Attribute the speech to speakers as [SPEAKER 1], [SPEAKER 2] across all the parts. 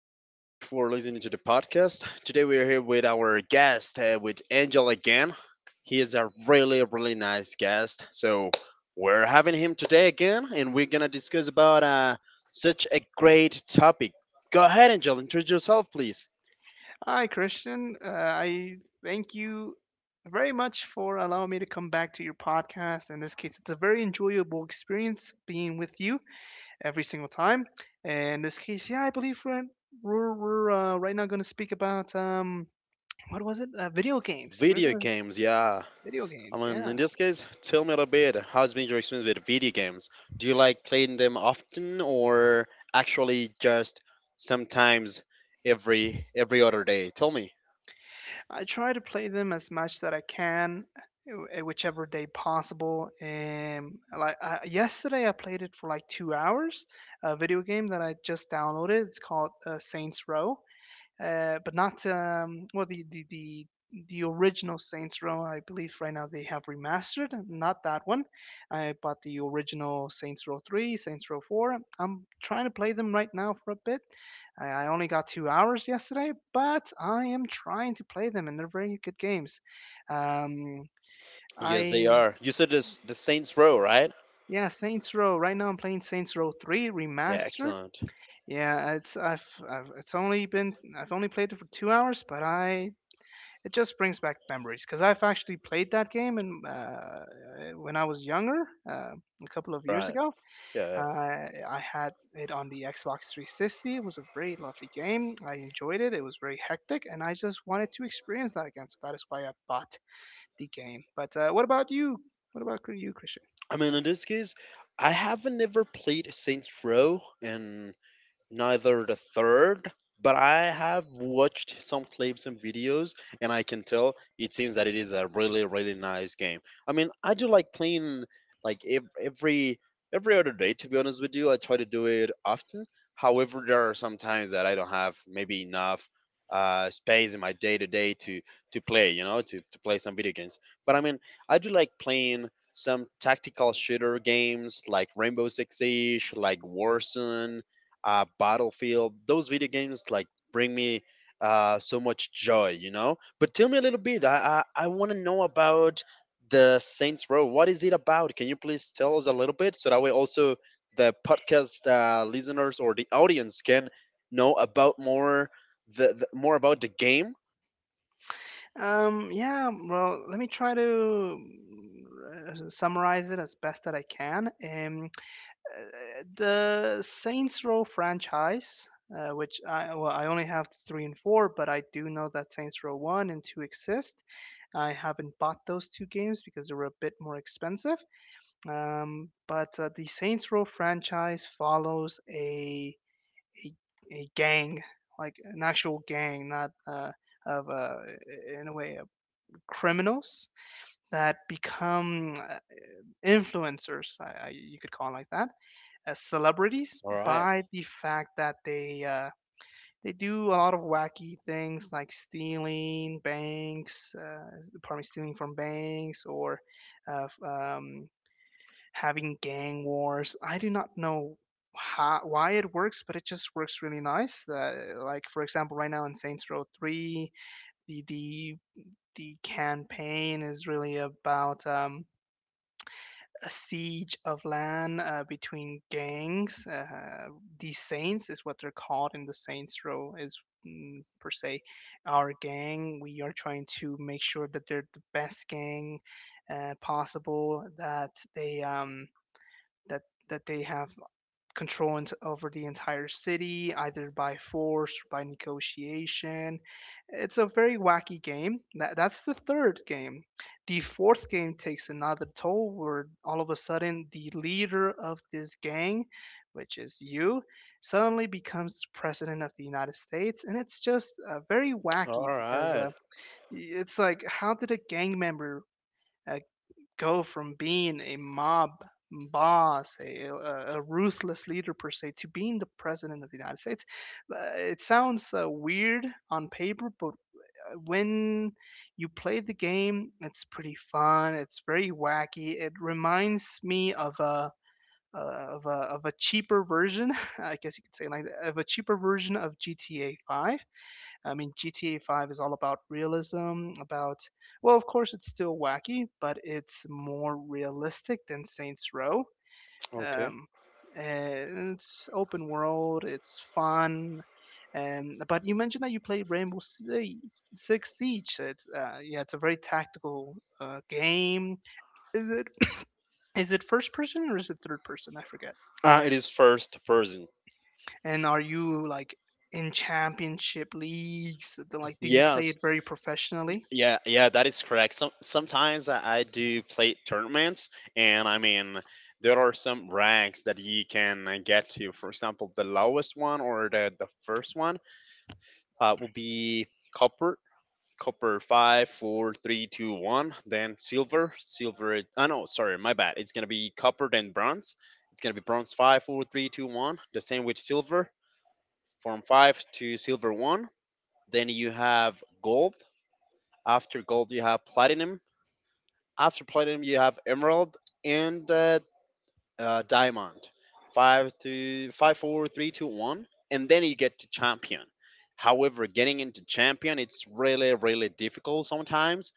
[SPEAKER 1] Thank you very much for listening to the podcast. Today, we are here with our guest, with Angel again. He is a really, really nice guest. So, we're having him today again, and we're going to discuss about such a great topic. Go ahead, Angel. Introduce yourself, please.
[SPEAKER 2] Hi, Christian. I thank you very much for allowing me to come back to your podcast. In this case, it's a very enjoyable experience being with you every single time. And in this case, yeah, I believe we're right now going to speak about what was it? Video games. We're
[SPEAKER 1] Video
[SPEAKER 2] gonna
[SPEAKER 1] games, yeah.
[SPEAKER 2] video games.
[SPEAKER 1] Mean,
[SPEAKER 2] Yeah.
[SPEAKER 1] in this case, tell me a little bit. How's been your experience with video games? Do you like playing them often, or actually just sometimes every other day? Tell me.
[SPEAKER 2] I try to play them as much that I can, whichever day possible. And like yesterday, I played it for like 2 hours. A video game that I just downloaded. It's called Saints Row but not, the original Saints Row. I believe right now they have remastered, not that one. I bought the original Saints Row 3, Saints Row 4. I'm trying to play them right now for a bit. I only got 2 hours yesterday, but I am trying to play them, and they're very good games. Um,
[SPEAKER 1] Yes, they
[SPEAKER 2] I
[SPEAKER 1] are. You said this the Saints Row, right?
[SPEAKER 2] Yeah, Saints Row. Right now I'm playing Saints Row 3
[SPEAKER 1] Yeah,
[SPEAKER 2] remastered.
[SPEAKER 1] excellent.
[SPEAKER 2] Yeah, it's I've it's only been I've only played it for 2 hours, but I it just brings back memories because I've actually played that game and, when I was younger, uh, a couple of years
[SPEAKER 1] Right.
[SPEAKER 2] ago,
[SPEAKER 1] Yeah.
[SPEAKER 2] I had it on the Xbox 360. It was a very lovely game. I enjoyed it. It was very hectic, and I just wanted to experience that again. So that is why I bought the game. But what about you? What about you, Christian?
[SPEAKER 1] I mean, in this case, I haven't ever played Saints Row, and neither the third, but I have watched some clips and videos, and I can tell it seems that it is a really really nice game. I mean, I do like playing like every every other day. To be honest with you, I try to do it often. However, there are some times that I don't have maybe enough space in my day to day to play. You know, to play some video games. But I mean, I do like playing some tactical shooter games like Rainbow Six Siege, like Warzone, Battlefield. Those video games like bring me so much joy, you know. But tell me a little bit. I want to know about the Saints Row. What is it about? Can you please tell us a little bit so that way also the podcast listeners or the audience can know about more the more about the game.
[SPEAKER 2] Yeah, well, let me try to summarize it as best that I can. The Saints Row franchise, which I only have three and four, but I do know that Saints Row one and two exist. I haven't bought those two games because they were a bit more expensive. But The Saints Row franchise follows a, a gang, like an actual gang, not of in a way of criminals that become influencers. You could call it like that, as celebrities
[SPEAKER 1] All right.
[SPEAKER 2] by the fact that they do a lot of wacky things like stealing banks, pardon me, stealing from banks or uh, um, having gang wars. I do not know how, why it works, but it just works really nice. Like for example, right now in Saints Row Three, the the the campaign is really about a siege of land between gangs. These saints is what they're called in the Saints Row is, per se, our gang. We are trying to make sure that they're the best gang possible. That that they have control over the entire city, either by force or by negotiation. It's a very wacky game. That's the third game. The fourth game takes another toll where all of a sudden the leader of this gang, which is you, suddenly becomes president of the United States. And it's just very
[SPEAKER 1] All
[SPEAKER 2] wacky because,
[SPEAKER 1] right.
[SPEAKER 2] it's like, how did a gang member? Uh, Go from being a mob boss, a ruthless leader per se, to being the president of the United States. It sounds weird on paper, but when you play the game, it's pretty fun. It's very wacky. It reminds me of a of a of a cheaper version, I guess you could say, like of a cheaper version of GTA 5. I mean, GTA 5 is all about realism, about, well, of course, it's still wacky, but it's more realistic than Saints Row.
[SPEAKER 1] Okay.
[SPEAKER 2] Um, and it's open world, it's fun. And, but you mentioned that you played Six Siege. It's, yeah, it's a very tactical game. Is it is it first person or is it third person? I forget.
[SPEAKER 1] Ah, it is first person.
[SPEAKER 2] And are you like in championship leagues? Like, do you
[SPEAKER 1] Yeah.
[SPEAKER 2] play it very professionally?
[SPEAKER 1] Yeah, yeah, that is correct. Sometimes I do play tournaments, and I mean there are some ranks that you can get to. For example, the lowest one or the first one will be copper, copper five, four, three, two, one. Then silver, Oh no, sorry, my bad. It's gonna be copper then bronze. It's gonna be bronze five, four, three, two, one. The same with silver, from five to silver one. Then you have gold. After gold, you have platinum. After platinum, you have emerald and diamond. Five to five, four, three, two, one, and then you get to champion. However, getting into champion, it's really, really difficult sometimes,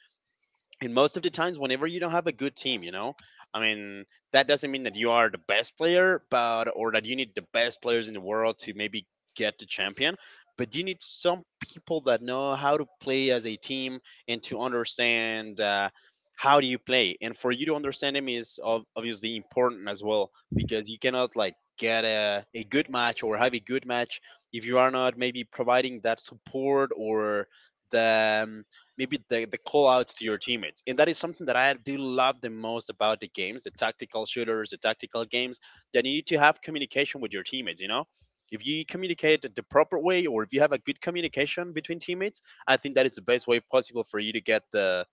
[SPEAKER 1] and most of the times whenever you don't have a good team, you know, I mean, that doesn't mean that you are the best player but or that you need the best players in the world to maybe get the champion, but you need some people that know how to play as a team and to understand how do you play, and for you to understand them is obviously important as well, because you cannot like get a good match or have a good match if you are not maybe providing that support or the maybe the call outs to your teammates. And that is something that I do love the most about the games, the tactical shooters, the tactical games, that you need to have communication with your teammates, you know? If you communicate the proper way or if you have a good communication between teammates, I think that is the best way possible for you to get the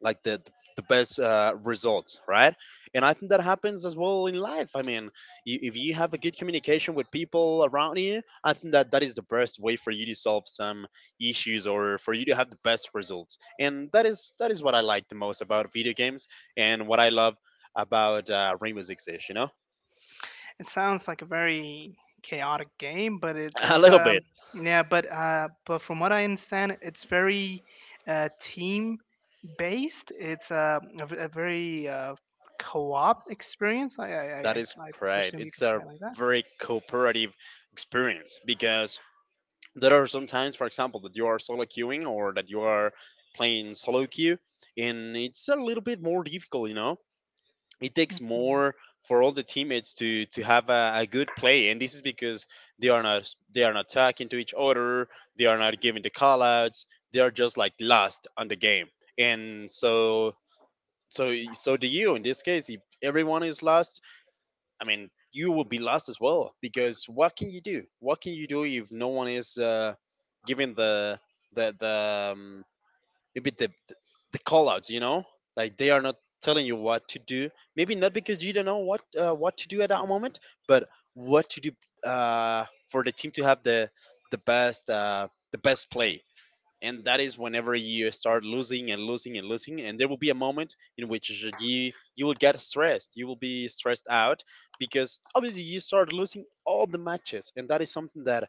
[SPEAKER 1] like the the best results, right? And I think that happens as well in life. I mean, you, if you have a good communication with people around you, I think that that is the best way for you to solve some issues or for you to have the best results. And that is what I like the most about video games and what I love about Rainbow Six Siege. You know,
[SPEAKER 2] It sounds like a very chaotic game, but it,
[SPEAKER 1] a
[SPEAKER 2] it's
[SPEAKER 1] little
[SPEAKER 2] um
[SPEAKER 1] bit.
[SPEAKER 2] yeah, but but from what I understand, it's very team based. It's, a v- a very co-op experience. I I I,
[SPEAKER 1] That
[SPEAKER 2] I
[SPEAKER 1] is
[SPEAKER 2] I
[SPEAKER 1] great.
[SPEAKER 2] presume you
[SPEAKER 1] It's
[SPEAKER 2] could say
[SPEAKER 1] a
[SPEAKER 2] it like that.
[SPEAKER 1] very cooperative experience because there are some times, for example, that you are solo queuing or that you are playing solo queue, and it's a little bit more difficult, you know? It takes
[SPEAKER 2] hmm
[SPEAKER 1] more for all the teammates to have a good play, and this is because they are not they are not talking to each other, they are not giving the callouts, they are just like lost on the game, and so do you in this case. If everyone is lost, I mean, you will be lost as well because what can you do? What can you do if no one is giving the maybe the call outs? You know, like they are not telling you what to do. Maybe not because you don't know what to do at that moment, but what to do for the team to have the best the best play, and that is whenever you start losing and losing and losing, and there will be a moment in which you will get stressed, you will be stressed out, because obviously you start losing all the matches, and that is something that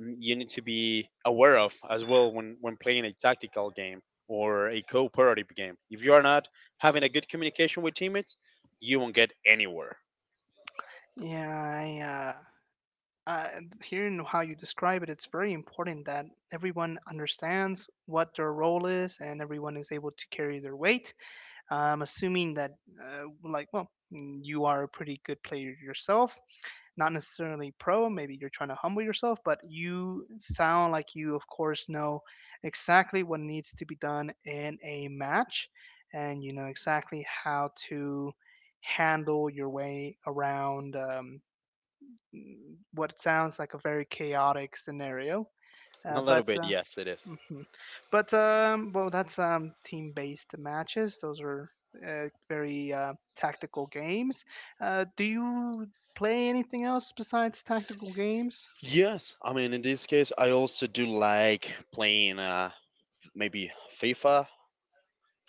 [SPEAKER 1] you need to be aware of as well when playing a tactical game or a cooperative game. If you are not having a good communication with teammates, you won't get anywhere.
[SPEAKER 2] Yeah, I uh hearing how you describe it, it's very important that everyone understands what their role is, and everyone is able to carry their weight. I'm assuming that, like, well, you are a pretty good player yourself, not necessarily pro. Maybe you're trying to humble yourself, but you sound like you, of course, know exactly what needs to be done in a match, and you know exactly how to handle your way around what sounds like a very chaotic scenario.
[SPEAKER 1] A little
[SPEAKER 2] But
[SPEAKER 1] bit, yes, it is.
[SPEAKER 2] hmm But well, that's, team-based matches. Those are very tactical games. Do you play anything else besides tactical games?
[SPEAKER 1] Yes, I mean in this case, I also do like playing maybe FIFA,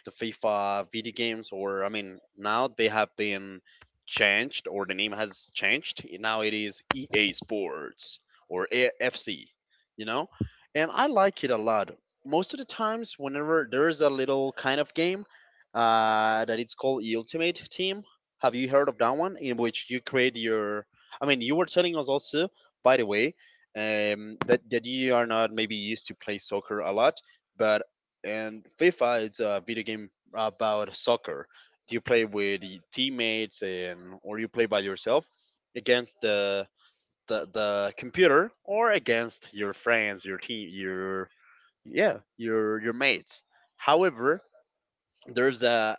[SPEAKER 1] the FIFA video games, or I mean, now they have been changed, or the name has changed. Now it is EA Sports or AFC, you know, and I like it a lot. Most of the times, whenever there is a little kind of game that it's called E Ultimate Team, have you heard of that one? In which you create your, I mean, you were telling us also, by the way, that that you are not maybe used to play soccer a lot, but, and FIFA is a video game about soccer. You play with y- teammates and or you play by yourself against the computer or against your friends, your team, your, yeah, your mates. However, there's a,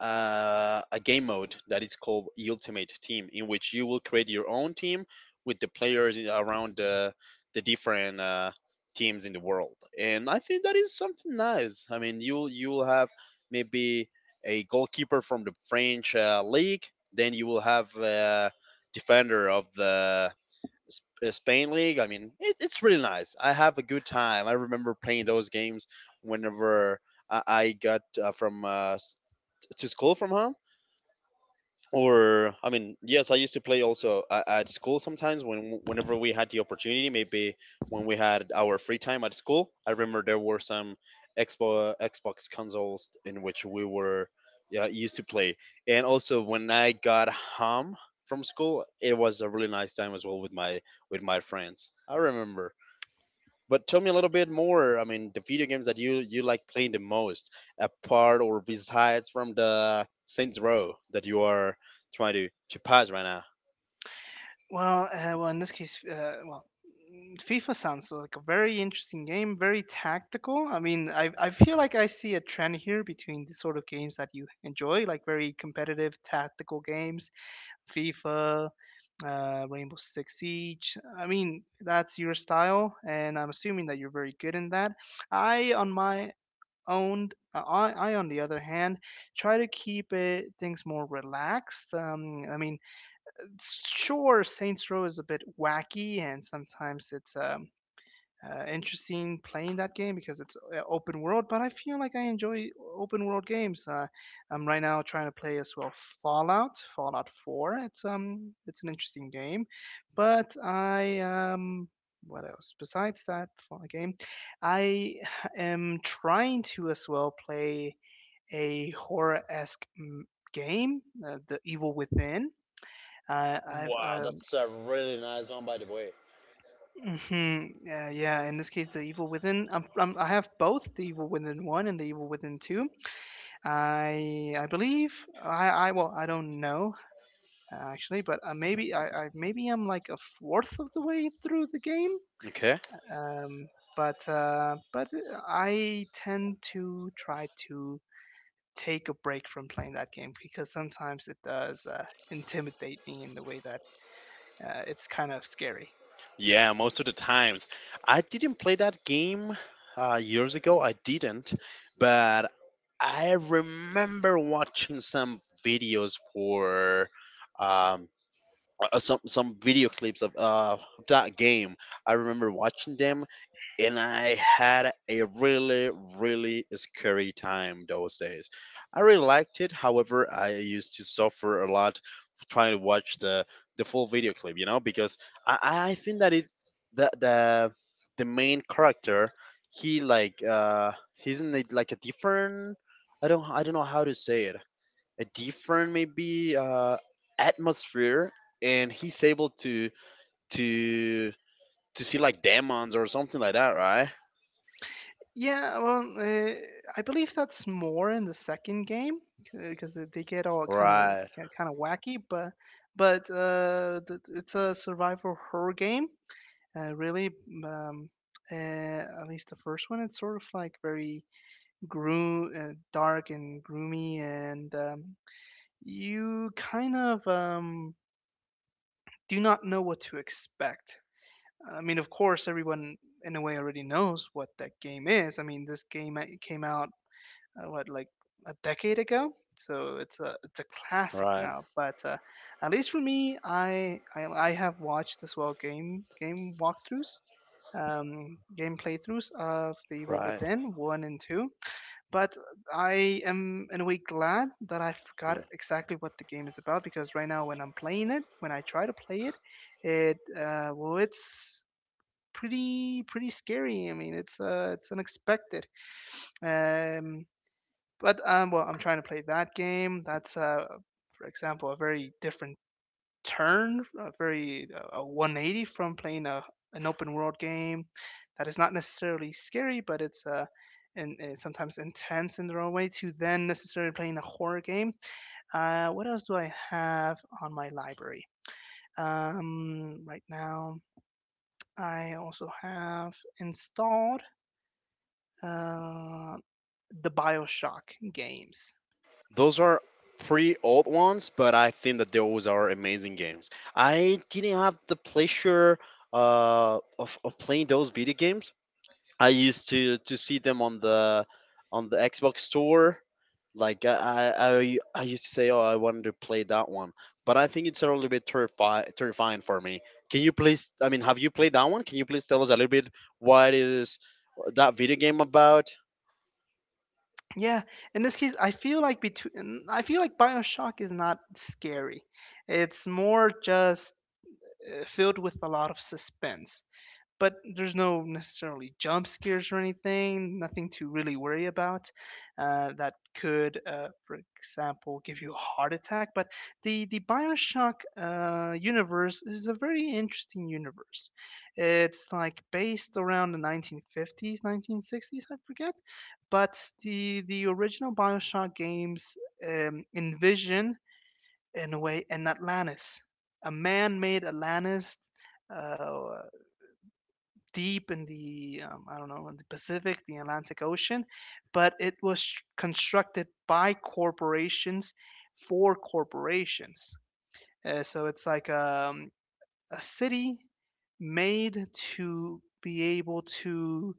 [SPEAKER 1] a a game mode that is called Ultimate Team, in which you will create your own team with the players in- around the different teams in the world. And I think that is something nice. I mean, you'll have maybe a goalkeeper from the French league, then you will have a defender of the Spain league. I mean, it, it's really nice. I have a good time. I remember playing those games whenever I got from to school from home. Or I mean yes, I used to play also at school sometimes when whenever we had the opportunity, maybe when we had our free time at school. I remember there were some Xbox consoles in which we were, yeah, used to play. And also when I got home from school, it was a really nice time as well with my friends, I remember. But tell me a little bit more. I mean, the video games that you like playing the most, apart or besides from the Saints Row that you are trying to pass right now.
[SPEAKER 2] Well, in this case, FIFA sounds like a very interesting game, very tactical. I mean, I feel like I see a trend here between the sort of games that you enjoy, like very competitive tactical games, FIFA, Rainbow Six Siege. I mean, that's your style, and I'm assuming that you're very good in that. I, on my own, I on the other hand, try to keep it things more relaxed. I mean, sure, Saints Row is a bit wacky, and sometimes it's interesting playing that game because it's, open world. But I feel like I enjoy open world games. I'm right now trying to play as well Fallout, Fallout 4. It's an interesting game, but I what else besides that Fallout game? I am trying to as well play a horror esque game, The Evil Within. I've
[SPEAKER 1] Wow, that's a really nice one, by the way.
[SPEAKER 2] hmm Yeah, yeah. In this case, the Evil Within. I have both the Evil Within one and the Evil Within two. I believe I well I don't know actually, but maybe I maybe I'm like a fourth of the way through the game.
[SPEAKER 1] Okay.
[SPEAKER 2] Um, but I tend to try to take a break from playing that game because sometimes it does intimidate me in the way that it's kind of scary.
[SPEAKER 1] Yeah, most of the times. I didn't play that game years ago. I didn't, but I remember watching some videos for um, some video clips of that game. I remember watching them, and I had a really, really scary time those days. I really liked it. However, I used to suffer a lot trying to watch the full video clip, you know, because I think that it the the main character, he like he's in like a different, I don't know how to say it, a different maybe atmosphere, and he's able to to to see like demons or something like that, right?
[SPEAKER 2] Yeah, well, I believe that's more in the second game because they get all
[SPEAKER 1] Right,
[SPEAKER 2] kind of wacky, but it's a survival horror game. Uh, really, um, at least the first one, it's sort of like very dark and gloomy, and you kind of do not know what to expect. I mean, of course, everyone in a way already knows what that game is. I mean, this game came out, what, like a decade ago. So it's a classic
[SPEAKER 1] right,
[SPEAKER 2] now. But at least for me, I have watched as well game walkthroughs, game playthroughs of The Evil
[SPEAKER 1] right,
[SPEAKER 2] Within one and two. But I am in a way glad that I forgot
[SPEAKER 1] right.
[SPEAKER 2] exactly what the game is about because right now when I'm playing it, when I try to play it, well it's pretty scary. I mean it's unexpected. Um, but Well, I'm trying to play that game. That's, for example, a very different turn, a very, a 180 from playing a an open world game that is not necessarily scary, but it's and sometimes intense in their own way. To then necessarily playing a horror game. What else do I have on my library? Right now, I also have installed uh, the Bioshock games.
[SPEAKER 1] Those are pretty old ones, but I think that those are amazing games. I didn't have the pleasure of playing those video games. I used to see them on the Xbox store. Like I used to say, oh, I wanted to play that one, but I think it's a little bit terrifying for me. Can you please? I mean, have you played that one? Can you please tell us a little bit what is that video game about?
[SPEAKER 2] Yeah, in this case, I feel like BioShock is not scary. It's more just filled with a lot of suspense, but there's no necessarily jump scares or anything, nothing to really worry about that could, for example, give you a heart attack. But the Bioshock universe is a very interesting universe. It's like based around the 1950s, 1960s, I forget. But the original Bioshock games envision in a way an Atlantis, a man-made Atlantis, uh, deep in the, I don't know, in the Pacific, the Atlantic Ocean, but it was constructed by corporations for corporations. So it's like a city made to be able to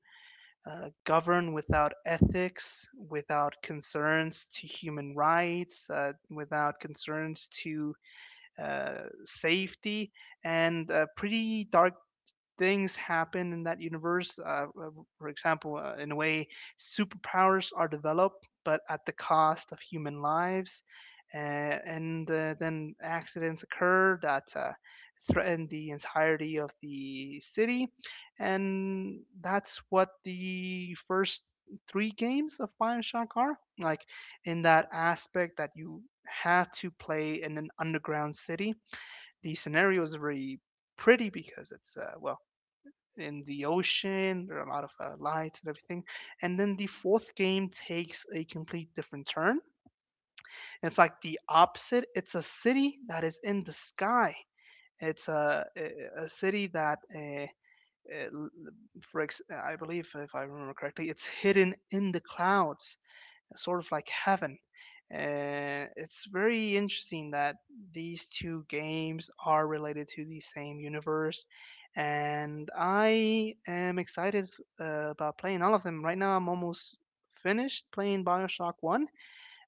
[SPEAKER 2] govern without ethics, without concerns to human rights, without concerns to safety, and a pretty dark things happen in that universe. For example, in a way, superpowers are developed, but at the cost of human lives. And Then accidents occur that threaten the entirety of the city. And that's what the first three games of Bioshock are like in that aspect, that you have to play in an underground city. The scenario is very pretty because it's well, in the ocean. There are a lot of lights and everything. And then the fourth game takes a complete different turn. It's like the opposite. It's a city that is in the sky. It's a city that... uh, I believe, if I remember correctly, it's hidden in the clouds, sort of like heaven. And it's very interesting that these two games are related to the same universe. And I am excited about playing all of them. Right now, I'm almost finished playing Bioshock 1.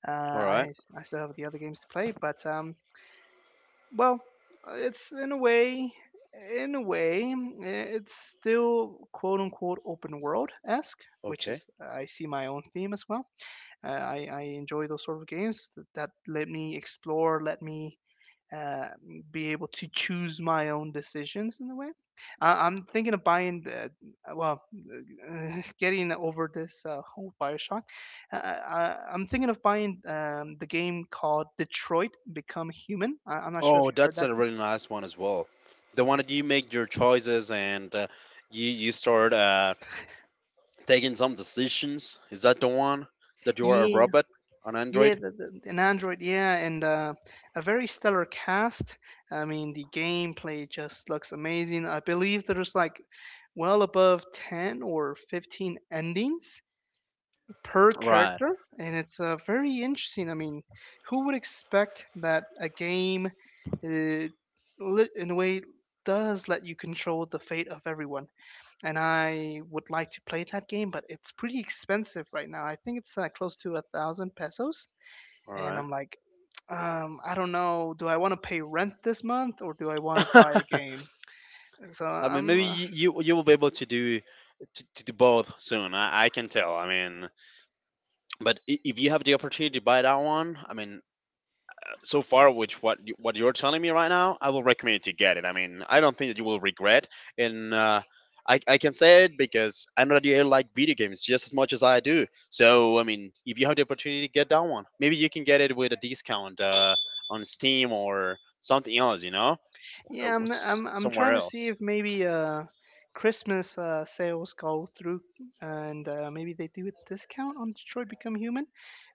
[SPEAKER 2] Uh,
[SPEAKER 1] All right.
[SPEAKER 2] I, I still have the other games to play, but well, it's in a way. In a way, it's still quote unquote open world esque, which
[SPEAKER 1] Okay.
[SPEAKER 2] is, I see my own theme as well. I enjoy those sort of games that let me explore, let me uh, be able to choose my own decisions in a way. I'm thinking of buying, the, well, getting over this whole Bioshock. I'm thinking of buying the game called Detroit Become Human. I'm not sure if
[SPEAKER 1] Oh,
[SPEAKER 2] you heard
[SPEAKER 1] that's
[SPEAKER 2] that.
[SPEAKER 1] a really nice one as well. The one that you make your choices and you you start taking some decisions. Is that the one that you are a
[SPEAKER 2] Yeah.
[SPEAKER 1] robot on
[SPEAKER 2] Yeah,
[SPEAKER 1] Android?
[SPEAKER 2] an Android, yeah, and a very stellar cast. I mean, the gameplay just looks amazing. I believe there's like well above 10 or 15 endings per
[SPEAKER 1] Right.
[SPEAKER 2] character, and it's very interesting. I mean, who would expect that a game, in a way, does let you control the fate of everyone? And I would like to play that game, but it's pretty expensive right now. I think it's close to a thousand pesos, and
[SPEAKER 1] All
[SPEAKER 2] I'm like, I don't know, do I want to pay rent this month or do I want to buy
[SPEAKER 1] right.
[SPEAKER 2] a game? So
[SPEAKER 1] I mean,
[SPEAKER 2] I'm
[SPEAKER 1] maybe you will be able to do both soon. I can tell. I mean, but if you have the opportunity to buy that one, I mean, so far what you're telling me right now, I will recommend to get it. I mean, I don't think that you will regret. And I can say it because I know that you like video games just as much as I do. So I mean, if you have the opportunity to get that one, maybe you can get it with a discount on Steam or something else. You know, Uh,
[SPEAKER 2] Yeah, I'm
[SPEAKER 1] s-
[SPEAKER 2] I'm I'm
[SPEAKER 1] Somewhere
[SPEAKER 2] trying to see
[SPEAKER 1] else.
[SPEAKER 2] if maybe Christmas sales go through, and maybe they do a discount on Detroit Become Human.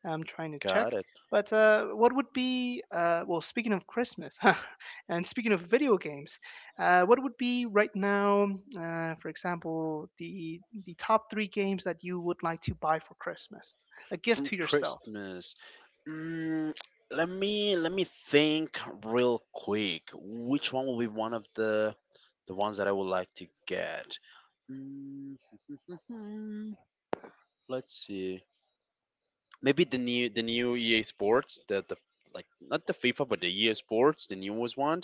[SPEAKER 2] I'm trying to check.
[SPEAKER 1] Got it.
[SPEAKER 2] But what would be well, speaking of Christmas and speaking of video games, what would be right now, for example, the top three games that you would like to buy for Christmas, a gift
[SPEAKER 1] From
[SPEAKER 2] to yourself?
[SPEAKER 1] Christmas. Mm. Let me think real quick. Which one will be one of the ones that I would like to get? Mm. Let's see. Maybe the new EA Sports the like not the FIFA but the EA Sports the newest one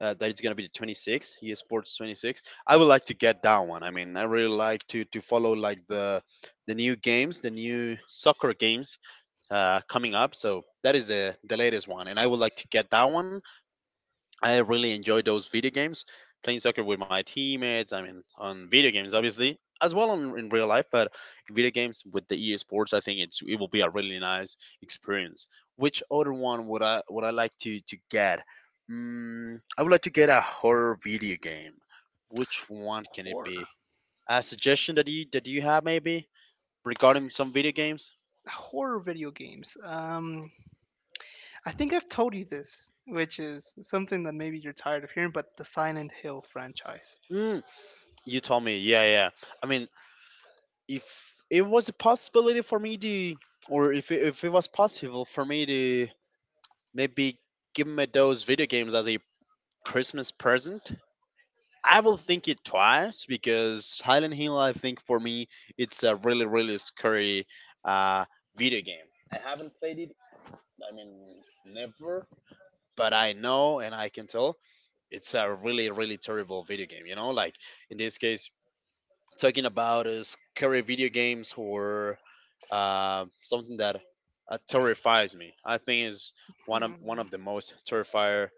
[SPEAKER 1] that is gonna be the 26 EA Sports 26. I would like to get that one. I mean, I really like to follow like the new games, the new soccer games coming up. So that is the latest one, and I would like to get that one. I really enjoy those video games, playing soccer with my teammates. I mean, on video games, obviously, as well on, in real life, but video games with the EA Sports, I think it will be a really nice experience. Which other one would I like to get? I would like to get a horror video game. Which one can it
[SPEAKER 2] Horror,
[SPEAKER 1] be? A suggestion that you have maybe regarding some video games?
[SPEAKER 2] horror video games. I think I've told you this, which is something that maybe you're tired of hearing, but the Silent Hill franchise.
[SPEAKER 1] Mm, you told me, yeah, yeah. I mean, if it was a possibility for me to, or if it was possible for me to maybe give me those video games as a Christmas present, I will think it twice because Highland Hill, I think for me, it's a really really scary uh, video game. I haven't played it. I mean, never. But I know and I can tell it's a really really terrible video game. You know, like in this case, talking about is scary video games or something that terrifies me. I think is one
[SPEAKER 2] Hmm.
[SPEAKER 1] of the most terrifier,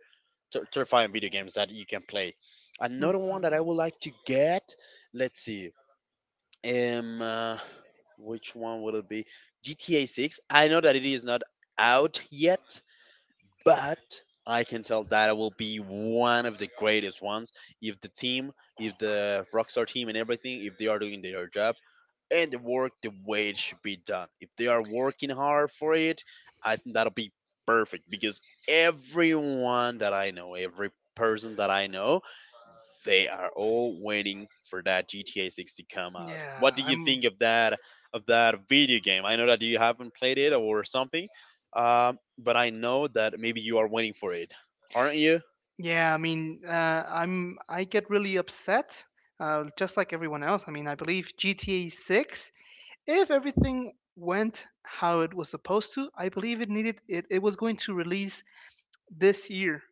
[SPEAKER 1] terrifying video games that you can play. Another one that I
[SPEAKER 2] Mhm.
[SPEAKER 1] would like to get. Let's see. Um, uh, which one would it be? GTA Six. I know that it is not out yet, but I can tell that it will be one of the greatest ones if if the Rockstar team and everything, if they are doing their job and they work the way it should be done. If they are working hard for it, I think that'll be perfect because everyone that I know, every person that I know, they are all waiting for that GTA 6 to come out. What
[SPEAKER 2] Yeah,
[SPEAKER 1] do you
[SPEAKER 2] I'm.
[SPEAKER 1] think of that video game? I know that you haven't played it or something, but I know that maybe you are waiting for it, aren't you?
[SPEAKER 2] Yeah, I mean, I'm. I get really upset, just like everyone else. I mean, I believe GTA Six, if everything went how it was supposed to, I believe it needed it. It was going to release this year.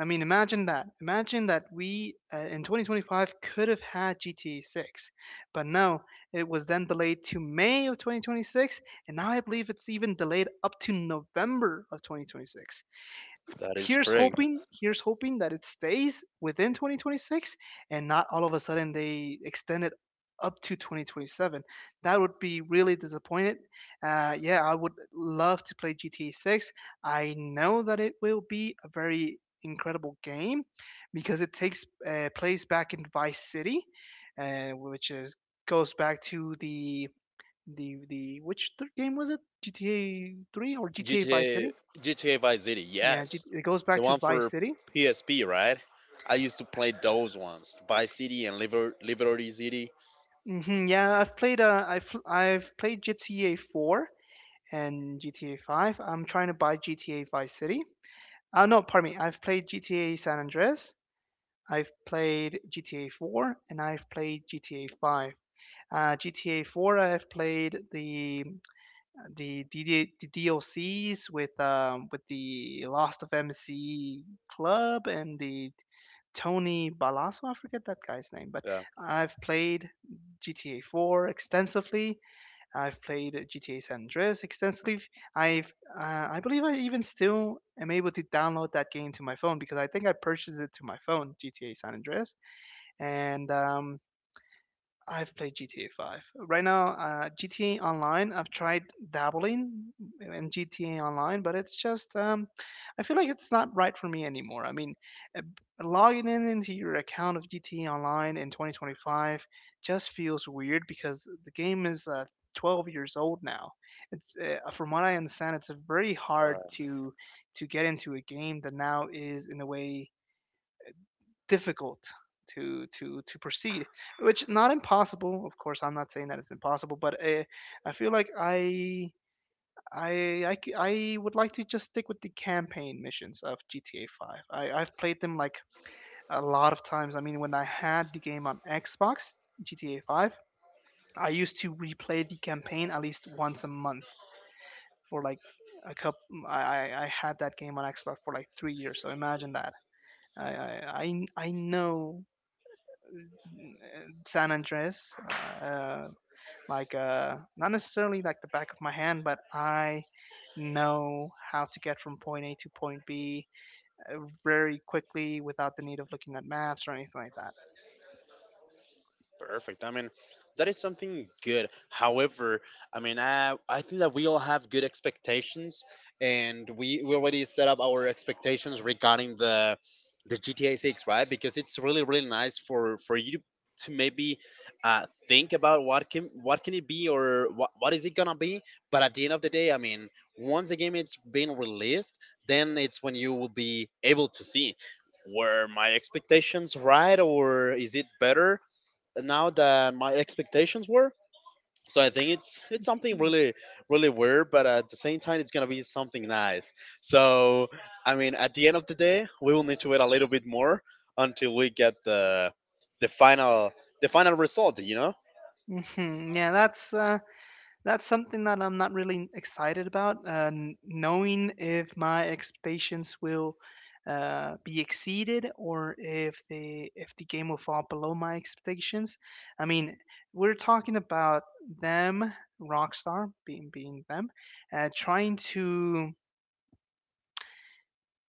[SPEAKER 2] I mean, imagine that. Imagine that we in 2025 could have had GTA 6, but no, it was then delayed to May of 2026, and now I believe it's even delayed up to November of 2026.
[SPEAKER 1] That is correct.
[SPEAKER 2] Here's hoping that it stays within 2026 and not all of a sudden they extend it up to 2027. That would be really disappointed. Yeah, I would love to play GTA 6. I know that it will be a very incredible game because it takes place back in Vice City, which is goes back to the the. Which game was it, GTA 3 or GTA Vice City?
[SPEAKER 1] GTA GTA Vice City,
[SPEAKER 2] Yeah,
[SPEAKER 1] yes.
[SPEAKER 2] it goes back
[SPEAKER 1] The
[SPEAKER 2] to
[SPEAKER 1] one
[SPEAKER 2] Vice
[SPEAKER 1] for
[SPEAKER 2] City.
[SPEAKER 1] PSP, right? I used to play those ones, Vice City and Liberty City.
[SPEAKER 2] Hmm, yeah, I've played I've played GTA 4 and GTA 5. I'm trying to buy GTA Vice City. No, pardon me. I've played GTA San Andreas. I've played GTA 4 and I've played GTA 5. GTA 4, I've played the the DD the DLCs with the Lost of MC Club and the Tony Balasso. I forget that guy's name, but
[SPEAKER 1] Yeah,
[SPEAKER 2] I've played GTA 4 extensively. I've played GTA San Andreas extensively. I've I believe I even still am able to download that game to my phone because I think I purchased it to my phone, GTA San Andreas, and I've played GTA 5. Right now, GTA Online, I've tried dabbling in GTA Online, but it's just, I feel like it's not right for me anymore. I mean, uh, logging in into your account of GTA Online in 2025 just feels weird because the game is 12 years old now. It's, from what I understand, it's very hard
[SPEAKER 1] right.
[SPEAKER 2] to get into a game that now is in a way difficult to proceed, which not impossible, of course. I'm not saying that it's impossible, but I feel like I c- I would like to just stick with the campaign missions of GTA 5. I've played them like a lot of times. I mean, when I had the game on Xbox, GTA 5, I used to replay the campaign at least once a month for like a cup. I, I had that game on Xbox for like 3 years. So imagine that. I know San Andres, uh, like not necessarily like the back of my hand, but I know how to get from point A to point B, uh, very quickly without the need of looking at maps or anything like that.
[SPEAKER 1] Perfect. I mean, that is something good. However, I mean, I think that we all have good expectations, and we already set up our expectations regarding the GTA Six, right? Because it's really really nice for you to maybe think about what can it be or what is it gonna be. But at the end of the day, I mean, once the game it's been released, then it's when you will be able to see were my expectations right or is it better now than my expectations were. So I think it's something really really weird, but at the same time it's gonna be something nice. So I mean, at the end of the day, we will need to wait a little bit more until we get the final the final result.
[SPEAKER 2] Hmm, yeah, that's something that I'm not really excited about. Knowing if my expectations will be exceeded or if the game will fall below my expectations. I mean, we're talking about them, Rockstar being them, trying to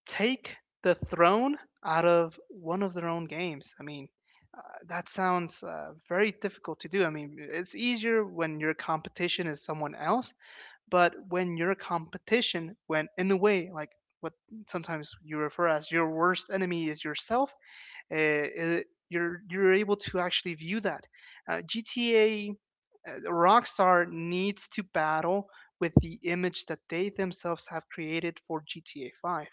[SPEAKER 2] take the throne out of one of their own games. I mean, uh, that sounds very difficult to do. I mean, it's easier when your competition is someone else, but when your competition, when in a way, like what sometimes you refer as your worst enemy is yourself, uh, uh, you're able to actually view that. Uh, GTA uh, Rockstar needs to battle with the image that they themselves have created for GTA 5.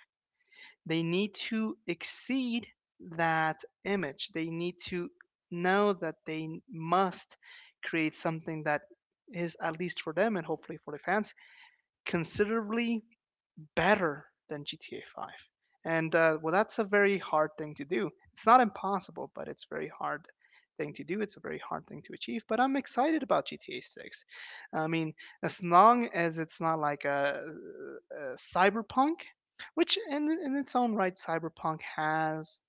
[SPEAKER 2] They need to exceed that image. They need to know that they must create something that is at least for them and hopefully for the fans considerably better than GTA 5. And well, that's a very hard thing to do. It's not impossible, but it's very hard thing to do. It's a very hard thing to achieve. But I'm excited about GTA 6. I mean, as long as it's not like a cyberpunk, which in, its own right, cyberpunk has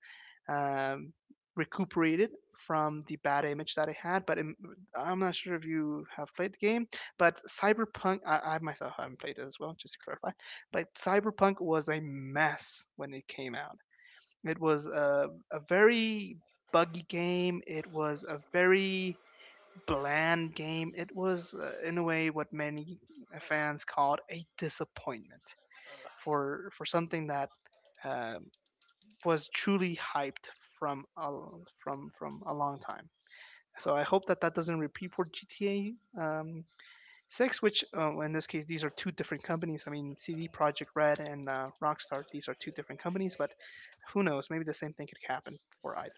[SPEAKER 2] um, recuperated from the bad image that it had. I'm not sure if you have played the game, but Cyberpunk, I myself haven't played it as well, just to clarify. But Cyberpunk was a mess when it came out. It was a very buggy game. It was a very bland game. It was, in a way, what many fans called a disappointment for something that um, was truly hyped from from a long time. So I hope that that doesn't repeat for GTA Six, which in this case these are two different companies. I mean, CD Projekt Red and Rockstar; these are two different companies, but who knows? Maybe the same thing could happen for either.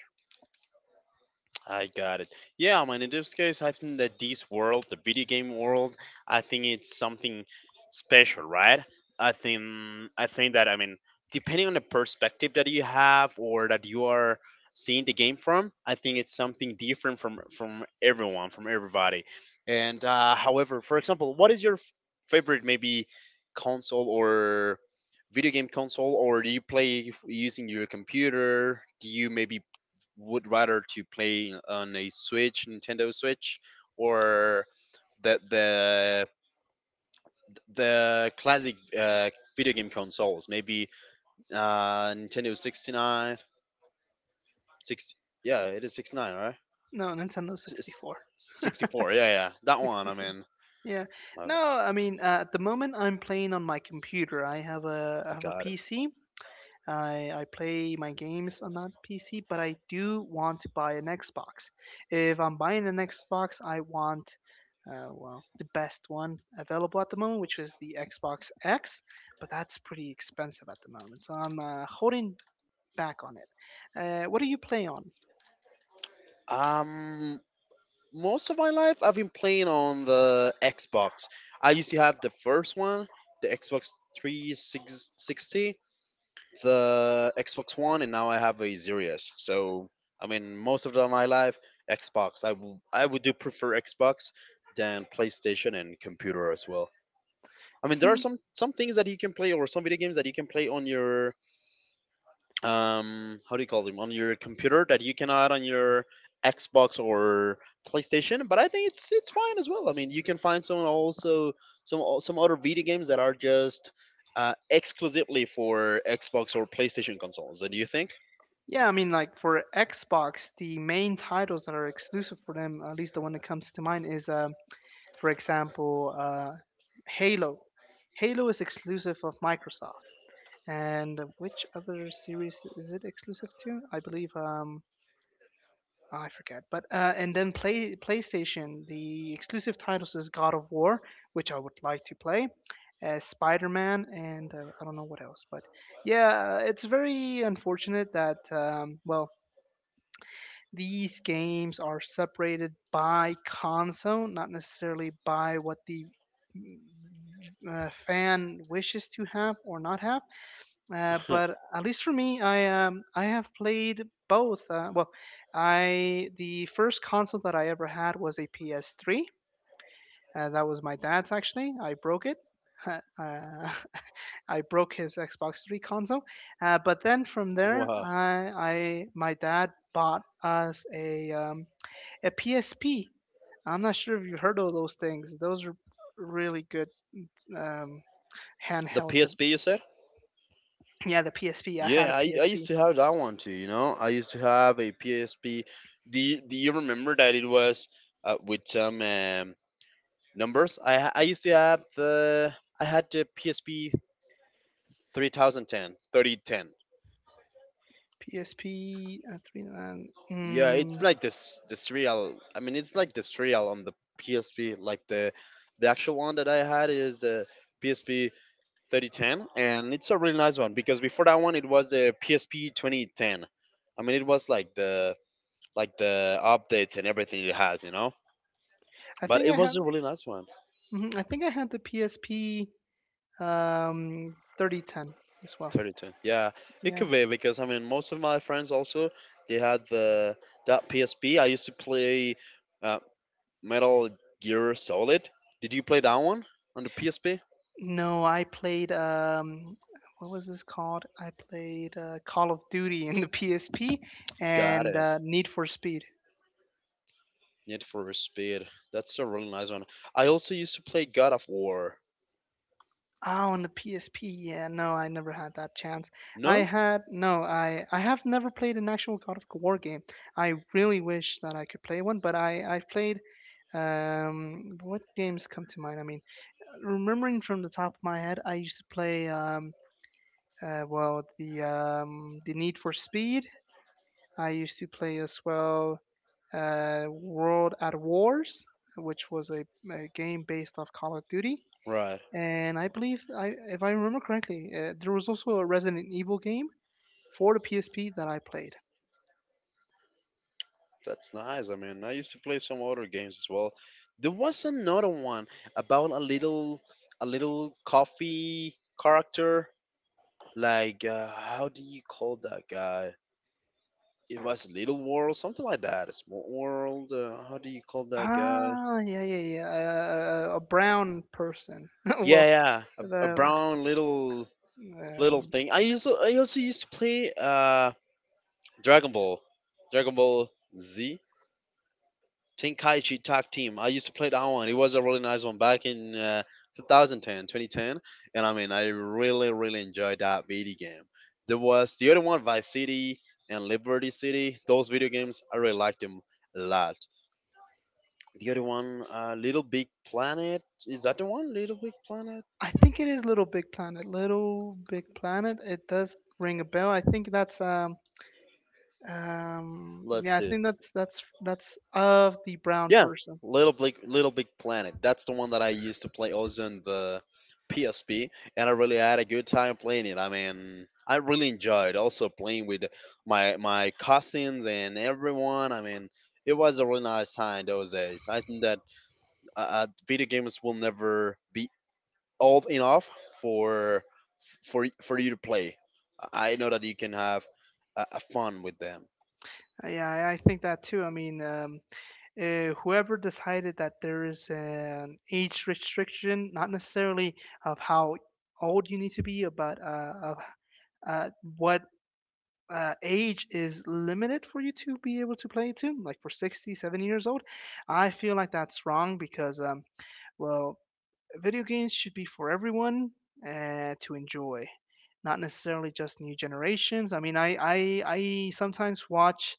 [SPEAKER 1] I got it. Yeah, I mean, in this case, I think that this world, the video game world, I think it's something special, right? I think I think that I mean, depending on the perspective that you have or that you are seeing the game from, I think it's something different from everyone, from everybody. And however, for example, what is your favorite maybe console or video game console, or do you play using your computer? Do you maybe would rather to play on a Switch, Nintendo Switch, or the the the classic video game consoles. Maybe Nintendo 69, 60, yeah, it is 69, right?
[SPEAKER 2] No, Nintendo
[SPEAKER 1] S- s-
[SPEAKER 2] 64.
[SPEAKER 1] 64, yeah, yeah, that one. I
[SPEAKER 2] 64.
[SPEAKER 1] mean,
[SPEAKER 2] Yeah.
[SPEAKER 1] my
[SPEAKER 2] No,
[SPEAKER 1] bad.
[SPEAKER 2] I mean, at the moment I'm playing on my computer. I
[SPEAKER 1] I
[SPEAKER 2] have a
[SPEAKER 1] got it.
[SPEAKER 2] PC. I play my games on that PC, but I do want to buy an Xbox. If I'm buying an Xbox, I want, well, the best one available at the moment, which is the Xbox X, but that's pretty expensive at the moment. So I'm holding back on it. What do you play on?
[SPEAKER 1] Um, Most of my life I've been playing on the Xbox. I used to have the first one, the Xbox 360, the Xbox One, and now I have a Series. So I mean, most of my life, Xbox. I would do prefer Xbox than PlayStation and computer as well. I mean, there are
[SPEAKER 2] Hmm,
[SPEAKER 1] some things that you can play or some video games that you can play on your how do you call them on your computer that you can add on your Xbox or PlayStation, but I think it's fine as well. I mean, you can find some also some other video games that are just exclusively for Xbox or PlayStation consoles. Do you think?
[SPEAKER 2] yeah, I mean, like for Xbox, the main titles that are exclusive for them, at least the one that comes to mind, is, for example, Halo. Halo is exclusive of Microsoft. And which other series is it exclusive to? I believe oh, I forget. But and then play PlayStation, the exclusive titles is God of War, which I would like to play, Spider-Man, and I don't know what else, but yeah, it's very unfortunate that well, these games are separated by console, not necessarily by what the mm, fan wishes to have or not have, but at least for me, I have played both. Well, I the first console that I ever had was a PS3. That was my dad's, actually. I broke it. Uh, I broke his Xbox 3 console. But then from there,
[SPEAKER 1] Wow.
[SPEAKER 2] I my dad bought us a a PSP. I'm not sure if you heard of those things. Those are really good um,
[SPEAKER 1] The
[SPEAKER 2] handheld.
[SPEAKER 1] PSP you said?
[SPEAKER 2] Yeah, the PSP. I had
[SPEAKER 1] Yeah,
[SPEAKER 2] a
[SPEAKER 1] I used
[SPEAKER 2] PSP.
[SPEAKER 1] to have that one too, you know? I used to have a PSP. Do you remember that it was with some numbers? I used to have the I had the PSP 3010, 3010.
[SPEAKER 2] PSP three
[SPEAKER 1] Yeah, it's
[SPEAKER 2] Mm,
[SPEAKER 1] like this real, I mean it's like this real on the PSP, like the actual one that I had is the PSP 3010, and it's a really nice one because before that one it was the PSP 2010. I mean, it was like the updates and everything it has,
[SPEAKER 2] I
[SPEAKER 1] but
[SPEAKER 2] think
[SPEAKER 1] it
[SPEAKER 2] I had.
[SPEAKER 1] was a really nice one.
[SPEAKER 2] Mhm, I think I had the PSP 3010 as well.
[SPEAKER 1] 3010, yeah, it
[SPEAKER 2] Yeah.
[SPEAKER 1] could be because I mean most of my friends also, they had the that PSP. I used to play uh, Metal Gear Solid. Did you play that one on the PSP?
[SPEAKER 2] No, I played what was this called? I played Call of Duty in the PSP
[SPEAKER 1] Got
[SPEAKER 2] and
[SPEAKER 1] it.
[SPEAKER 2] Need for Speed.
[SPEAKER 1] Need for Speed. That's a really nice one. I also used to play God of War.
[SPEAKER 2] Oh, on the PSP. Yeah, no, I never had that chance. I
[SPEAKER 1] No?
[SPEAKER 2] had no, I have never played an actual God of War game. I really wish that I could play one, but I've played what games come to mind? I mean, remembering from the top of my head, I used to play well the Need for Speed. I used to play as well World at Wars, which was a game based off Call of Duty.
[SPEAKER 1] Right.
[SPEAKER 2] And I believe, if I remember correctly, there was also a Resident Evil game for the PSP that I played.
[SPEAKER 1] That's nice. I mean, I used to play some other games as well. There was another one about a little coffee character. Like how do you call that guy? It was Little World, something like that. A small world. How do you call that guy?
[SPEAKER 2] Ah, yeah, yeah, yeah. A brown person.
[SPEAKER 1] Yeah,
[SPEAKER 2] well,
[SPEAKER 1] yeah. A
[SPEAKER 2] the
[SPEAKER 1] brown little
[SPEAKER 2] um,
[SPEAKER 1] thing. I also used to play Dragon Ball, Dragon Ball Z, Tenkaichi Tag Team. I used to play that one. It was a really nice one back in 2010, 2010, and I mean I really really enjoyed that video game. There was the other one, Vice City and Liberty City. Those video games I really liked them a lot. The other one, Little Big Planet. Is that the one? Little Big Planet.
[SPEAKER 2] I think it is Little Big Planet. Little Big Planet. It does ring a bell. I think that's
[SPEAKER 1] Let's
[SPEAKER 2] yeah. I
[SPEAKER 1] see.
[SPEAKER 2] think that's of the brown
[SPEAKER 1] Yeah,
[SPEAKER 2] person.
[SPEAKER 1] Little Big Planet. That's the one that I used to play also in the PSP, and I really had a good time playing it. I mean, I really enjoyed also playing with my cousins and everyone. I mean, it was a really nice time those days. I think that video games will never be old enough for for you to play. I know that you can have a fun with them.
[SPEAKER 2] Yeah, I think that too. I mean, whoever decided that there is an age restriction, not necessarily of how old you need to be, but of uh, what age is limited for you to be able to play to, like for 60, 70 years old, I feel like that's wrong because well, video games should be for everyone to enjoy, not necessarily just new generations. I mean, I sometimes watch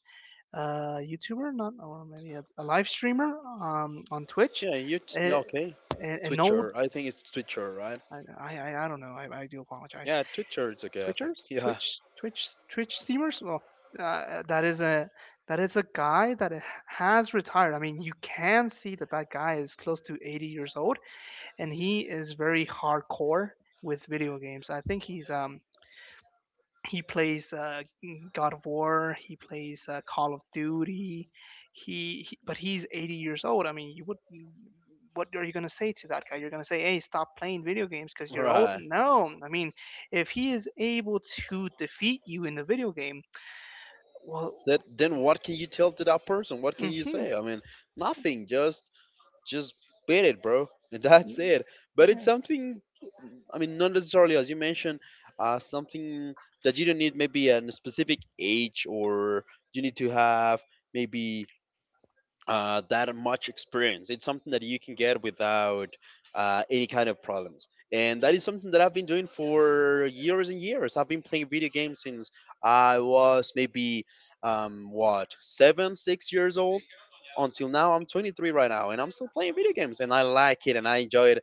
[SPEAKER 2] a YouTuber, not or maybe a live streamer on Twitch,
[SPEAKER 1] Yeah, yeah,
[SPEAKER 2] a
[SPEAKER 1] okay?
[SPEAKER 2] a- an old.
[SPEAKER 1] Twitcher, I think it's Twitcher, right?
[SPEAKER 2] I don't know. I do apologize.
[SPEAKER 1] Yeah, two thirds okay, I think.
[SPEAKER 2] Twitchers,
[SPEAKER 1] Yeah,
[SPEAKER 2] Twitch streamers. Well, uh, that is a that is a guy that has retired. I mean, you can see that that guy is close to 80 years old, and he is very hardcore with video games. I think he plays God of War, he plays Call of Duty. He but he's 80 years old. I mean, you would what are you going to say to that guy? You're going to say, "Hey, stop playing video games because you're old."
[SPEAKER 1] right.
[SPEAKER 2] No. I mean, if he is able to defeat you in the video game, well,
[SPEAKER 1] That then what can you tell to that person? What can you
[SPEAKER 2] mhm.
[SPEAKER 1] say? I mean, nothing. Just beat it, bro, and that's it. But it's
[SPEAKER 2] Yeah,
[SPEAKER 1] something. I mean, not necessarily as you mentioned, something that you don't need maybe a specific age or you need to have maybe that much experience. It's something that you can get without any kind of problems. And that is something that I've been doing for years and years. I've been playing video games since I was maybe, what, seven, 6 years old until now. I'm 23 right now, and I'm still playing video games, and I like it and I enjoy it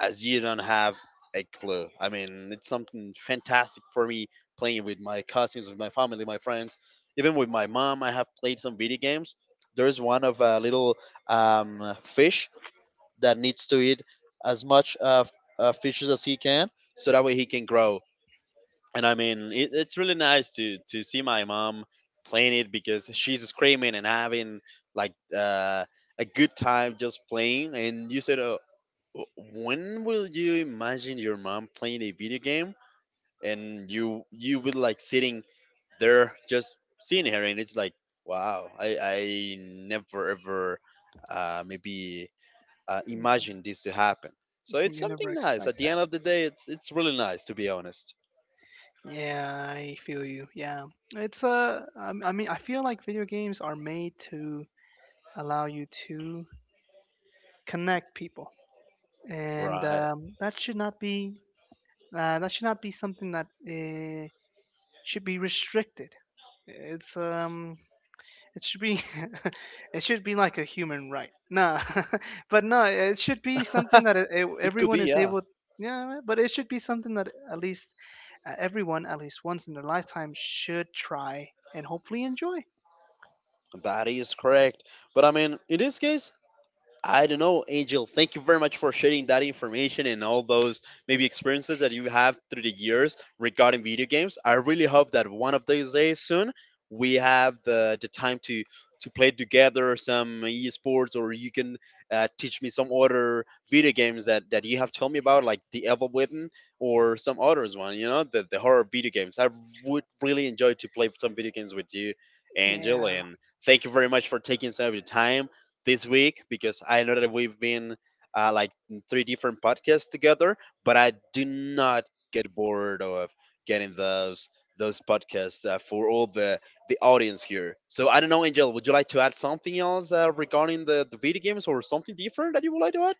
[SPEAKER 1] as you don't have a clue. I mean, it's something fantastic for me playing with my cousins, with my family, my friends, even with my mom. I have played some video games. There's one of a little fish that needs to eat as much fishes as he can, so that way he can grow. And I mean, it's really nice to see my mom playing it because she's screaming and having like a good time just playing. And you said, oh, W- when will you imagine your mom playing a video game and you would like sitting there just seeing her and it's like wow, I never ever maybe imagined this to happen. So it's
[SPEAKER 2] you never
[SPEAKER 1] something nice.
[SPEAKER 2] expect
[SPEAKER 1] At the end
[SPEAKER 2] that.
[SPEAKER 1] of the day, it's really nice to be honest.
[SPEAKER 2] Yeah, I feel you. Yeah, it's I mean, I feel like video games are made to allow you to connect people, and
[SPEAKER 1] Right.
[SPEAKER 2] that should not be something that should be restricted. It's um, It should be it should be like a human right. No, but no, it should be something that
[SPEAKER 1] It could
[SPEAKER 2] everyone
[SPEAKER 1] be,
[SPEAKER 2] is
[SPEAKER 1] yeah.
[SPEAKER 2] able. Yeah, but it should be something that at least everyone, at least once in their lifetime, should try and hopefully enjoy.
[SPEAKER 1] That is correct. But I mean, in this case, I don't know, Angel. Thank you very much for sharing that information and all those maybe experiences that you have through the years regarding video games. I really hope that one of these days soon we have the time to play together some esports or you can teach me some other video games that you have told me about, like the Evil Within or some others one, the horror video games. I would really enjoy to play some video games with you, Angel,
[SPEAKER 2] Yeah.
[SPEAKER 1] and thank you very much for taking some of your time this week because I know that we've been like in three different podcasts together, but I do not get bored of getting those podcasts for all the audience here. So I don't know, Angel, would you like to add something else regarding the video games or something different that you would like to add?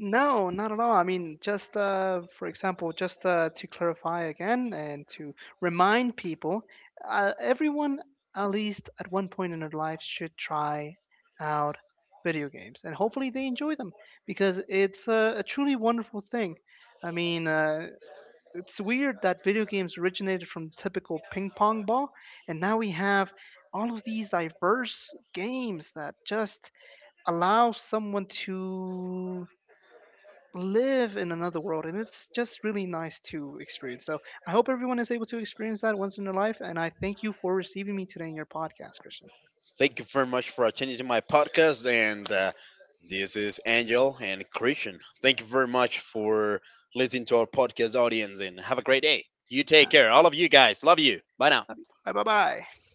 [SPEAKER 2] No, not at all. I mean, just for example, just to clarify again and to remind people, everyone at least at one point in their life should try out video games, and hopefully they enjoy them because it's a truly wonderful thing. I mean, it's weird that video games originated from typical ping pong ball, and now we have all of these diverse games that just allow someone to live in another world and it's just really nice to experience, so I hope everyone is able to experience that once in their life, and I thank you for receiving me today in your podcast, Christian.
[SPEAKER 1] Thank you very much for attending to my podcast, and this is Angel and Christian. Thank you very much for listening to our podcast audience, and have a great day. You take
[SPEAKER 2] Ha-
[SPEAKER 1] care, all of you guys. Love you. Bye now.
[SPEAKER 2] Love you. Bye bye bye.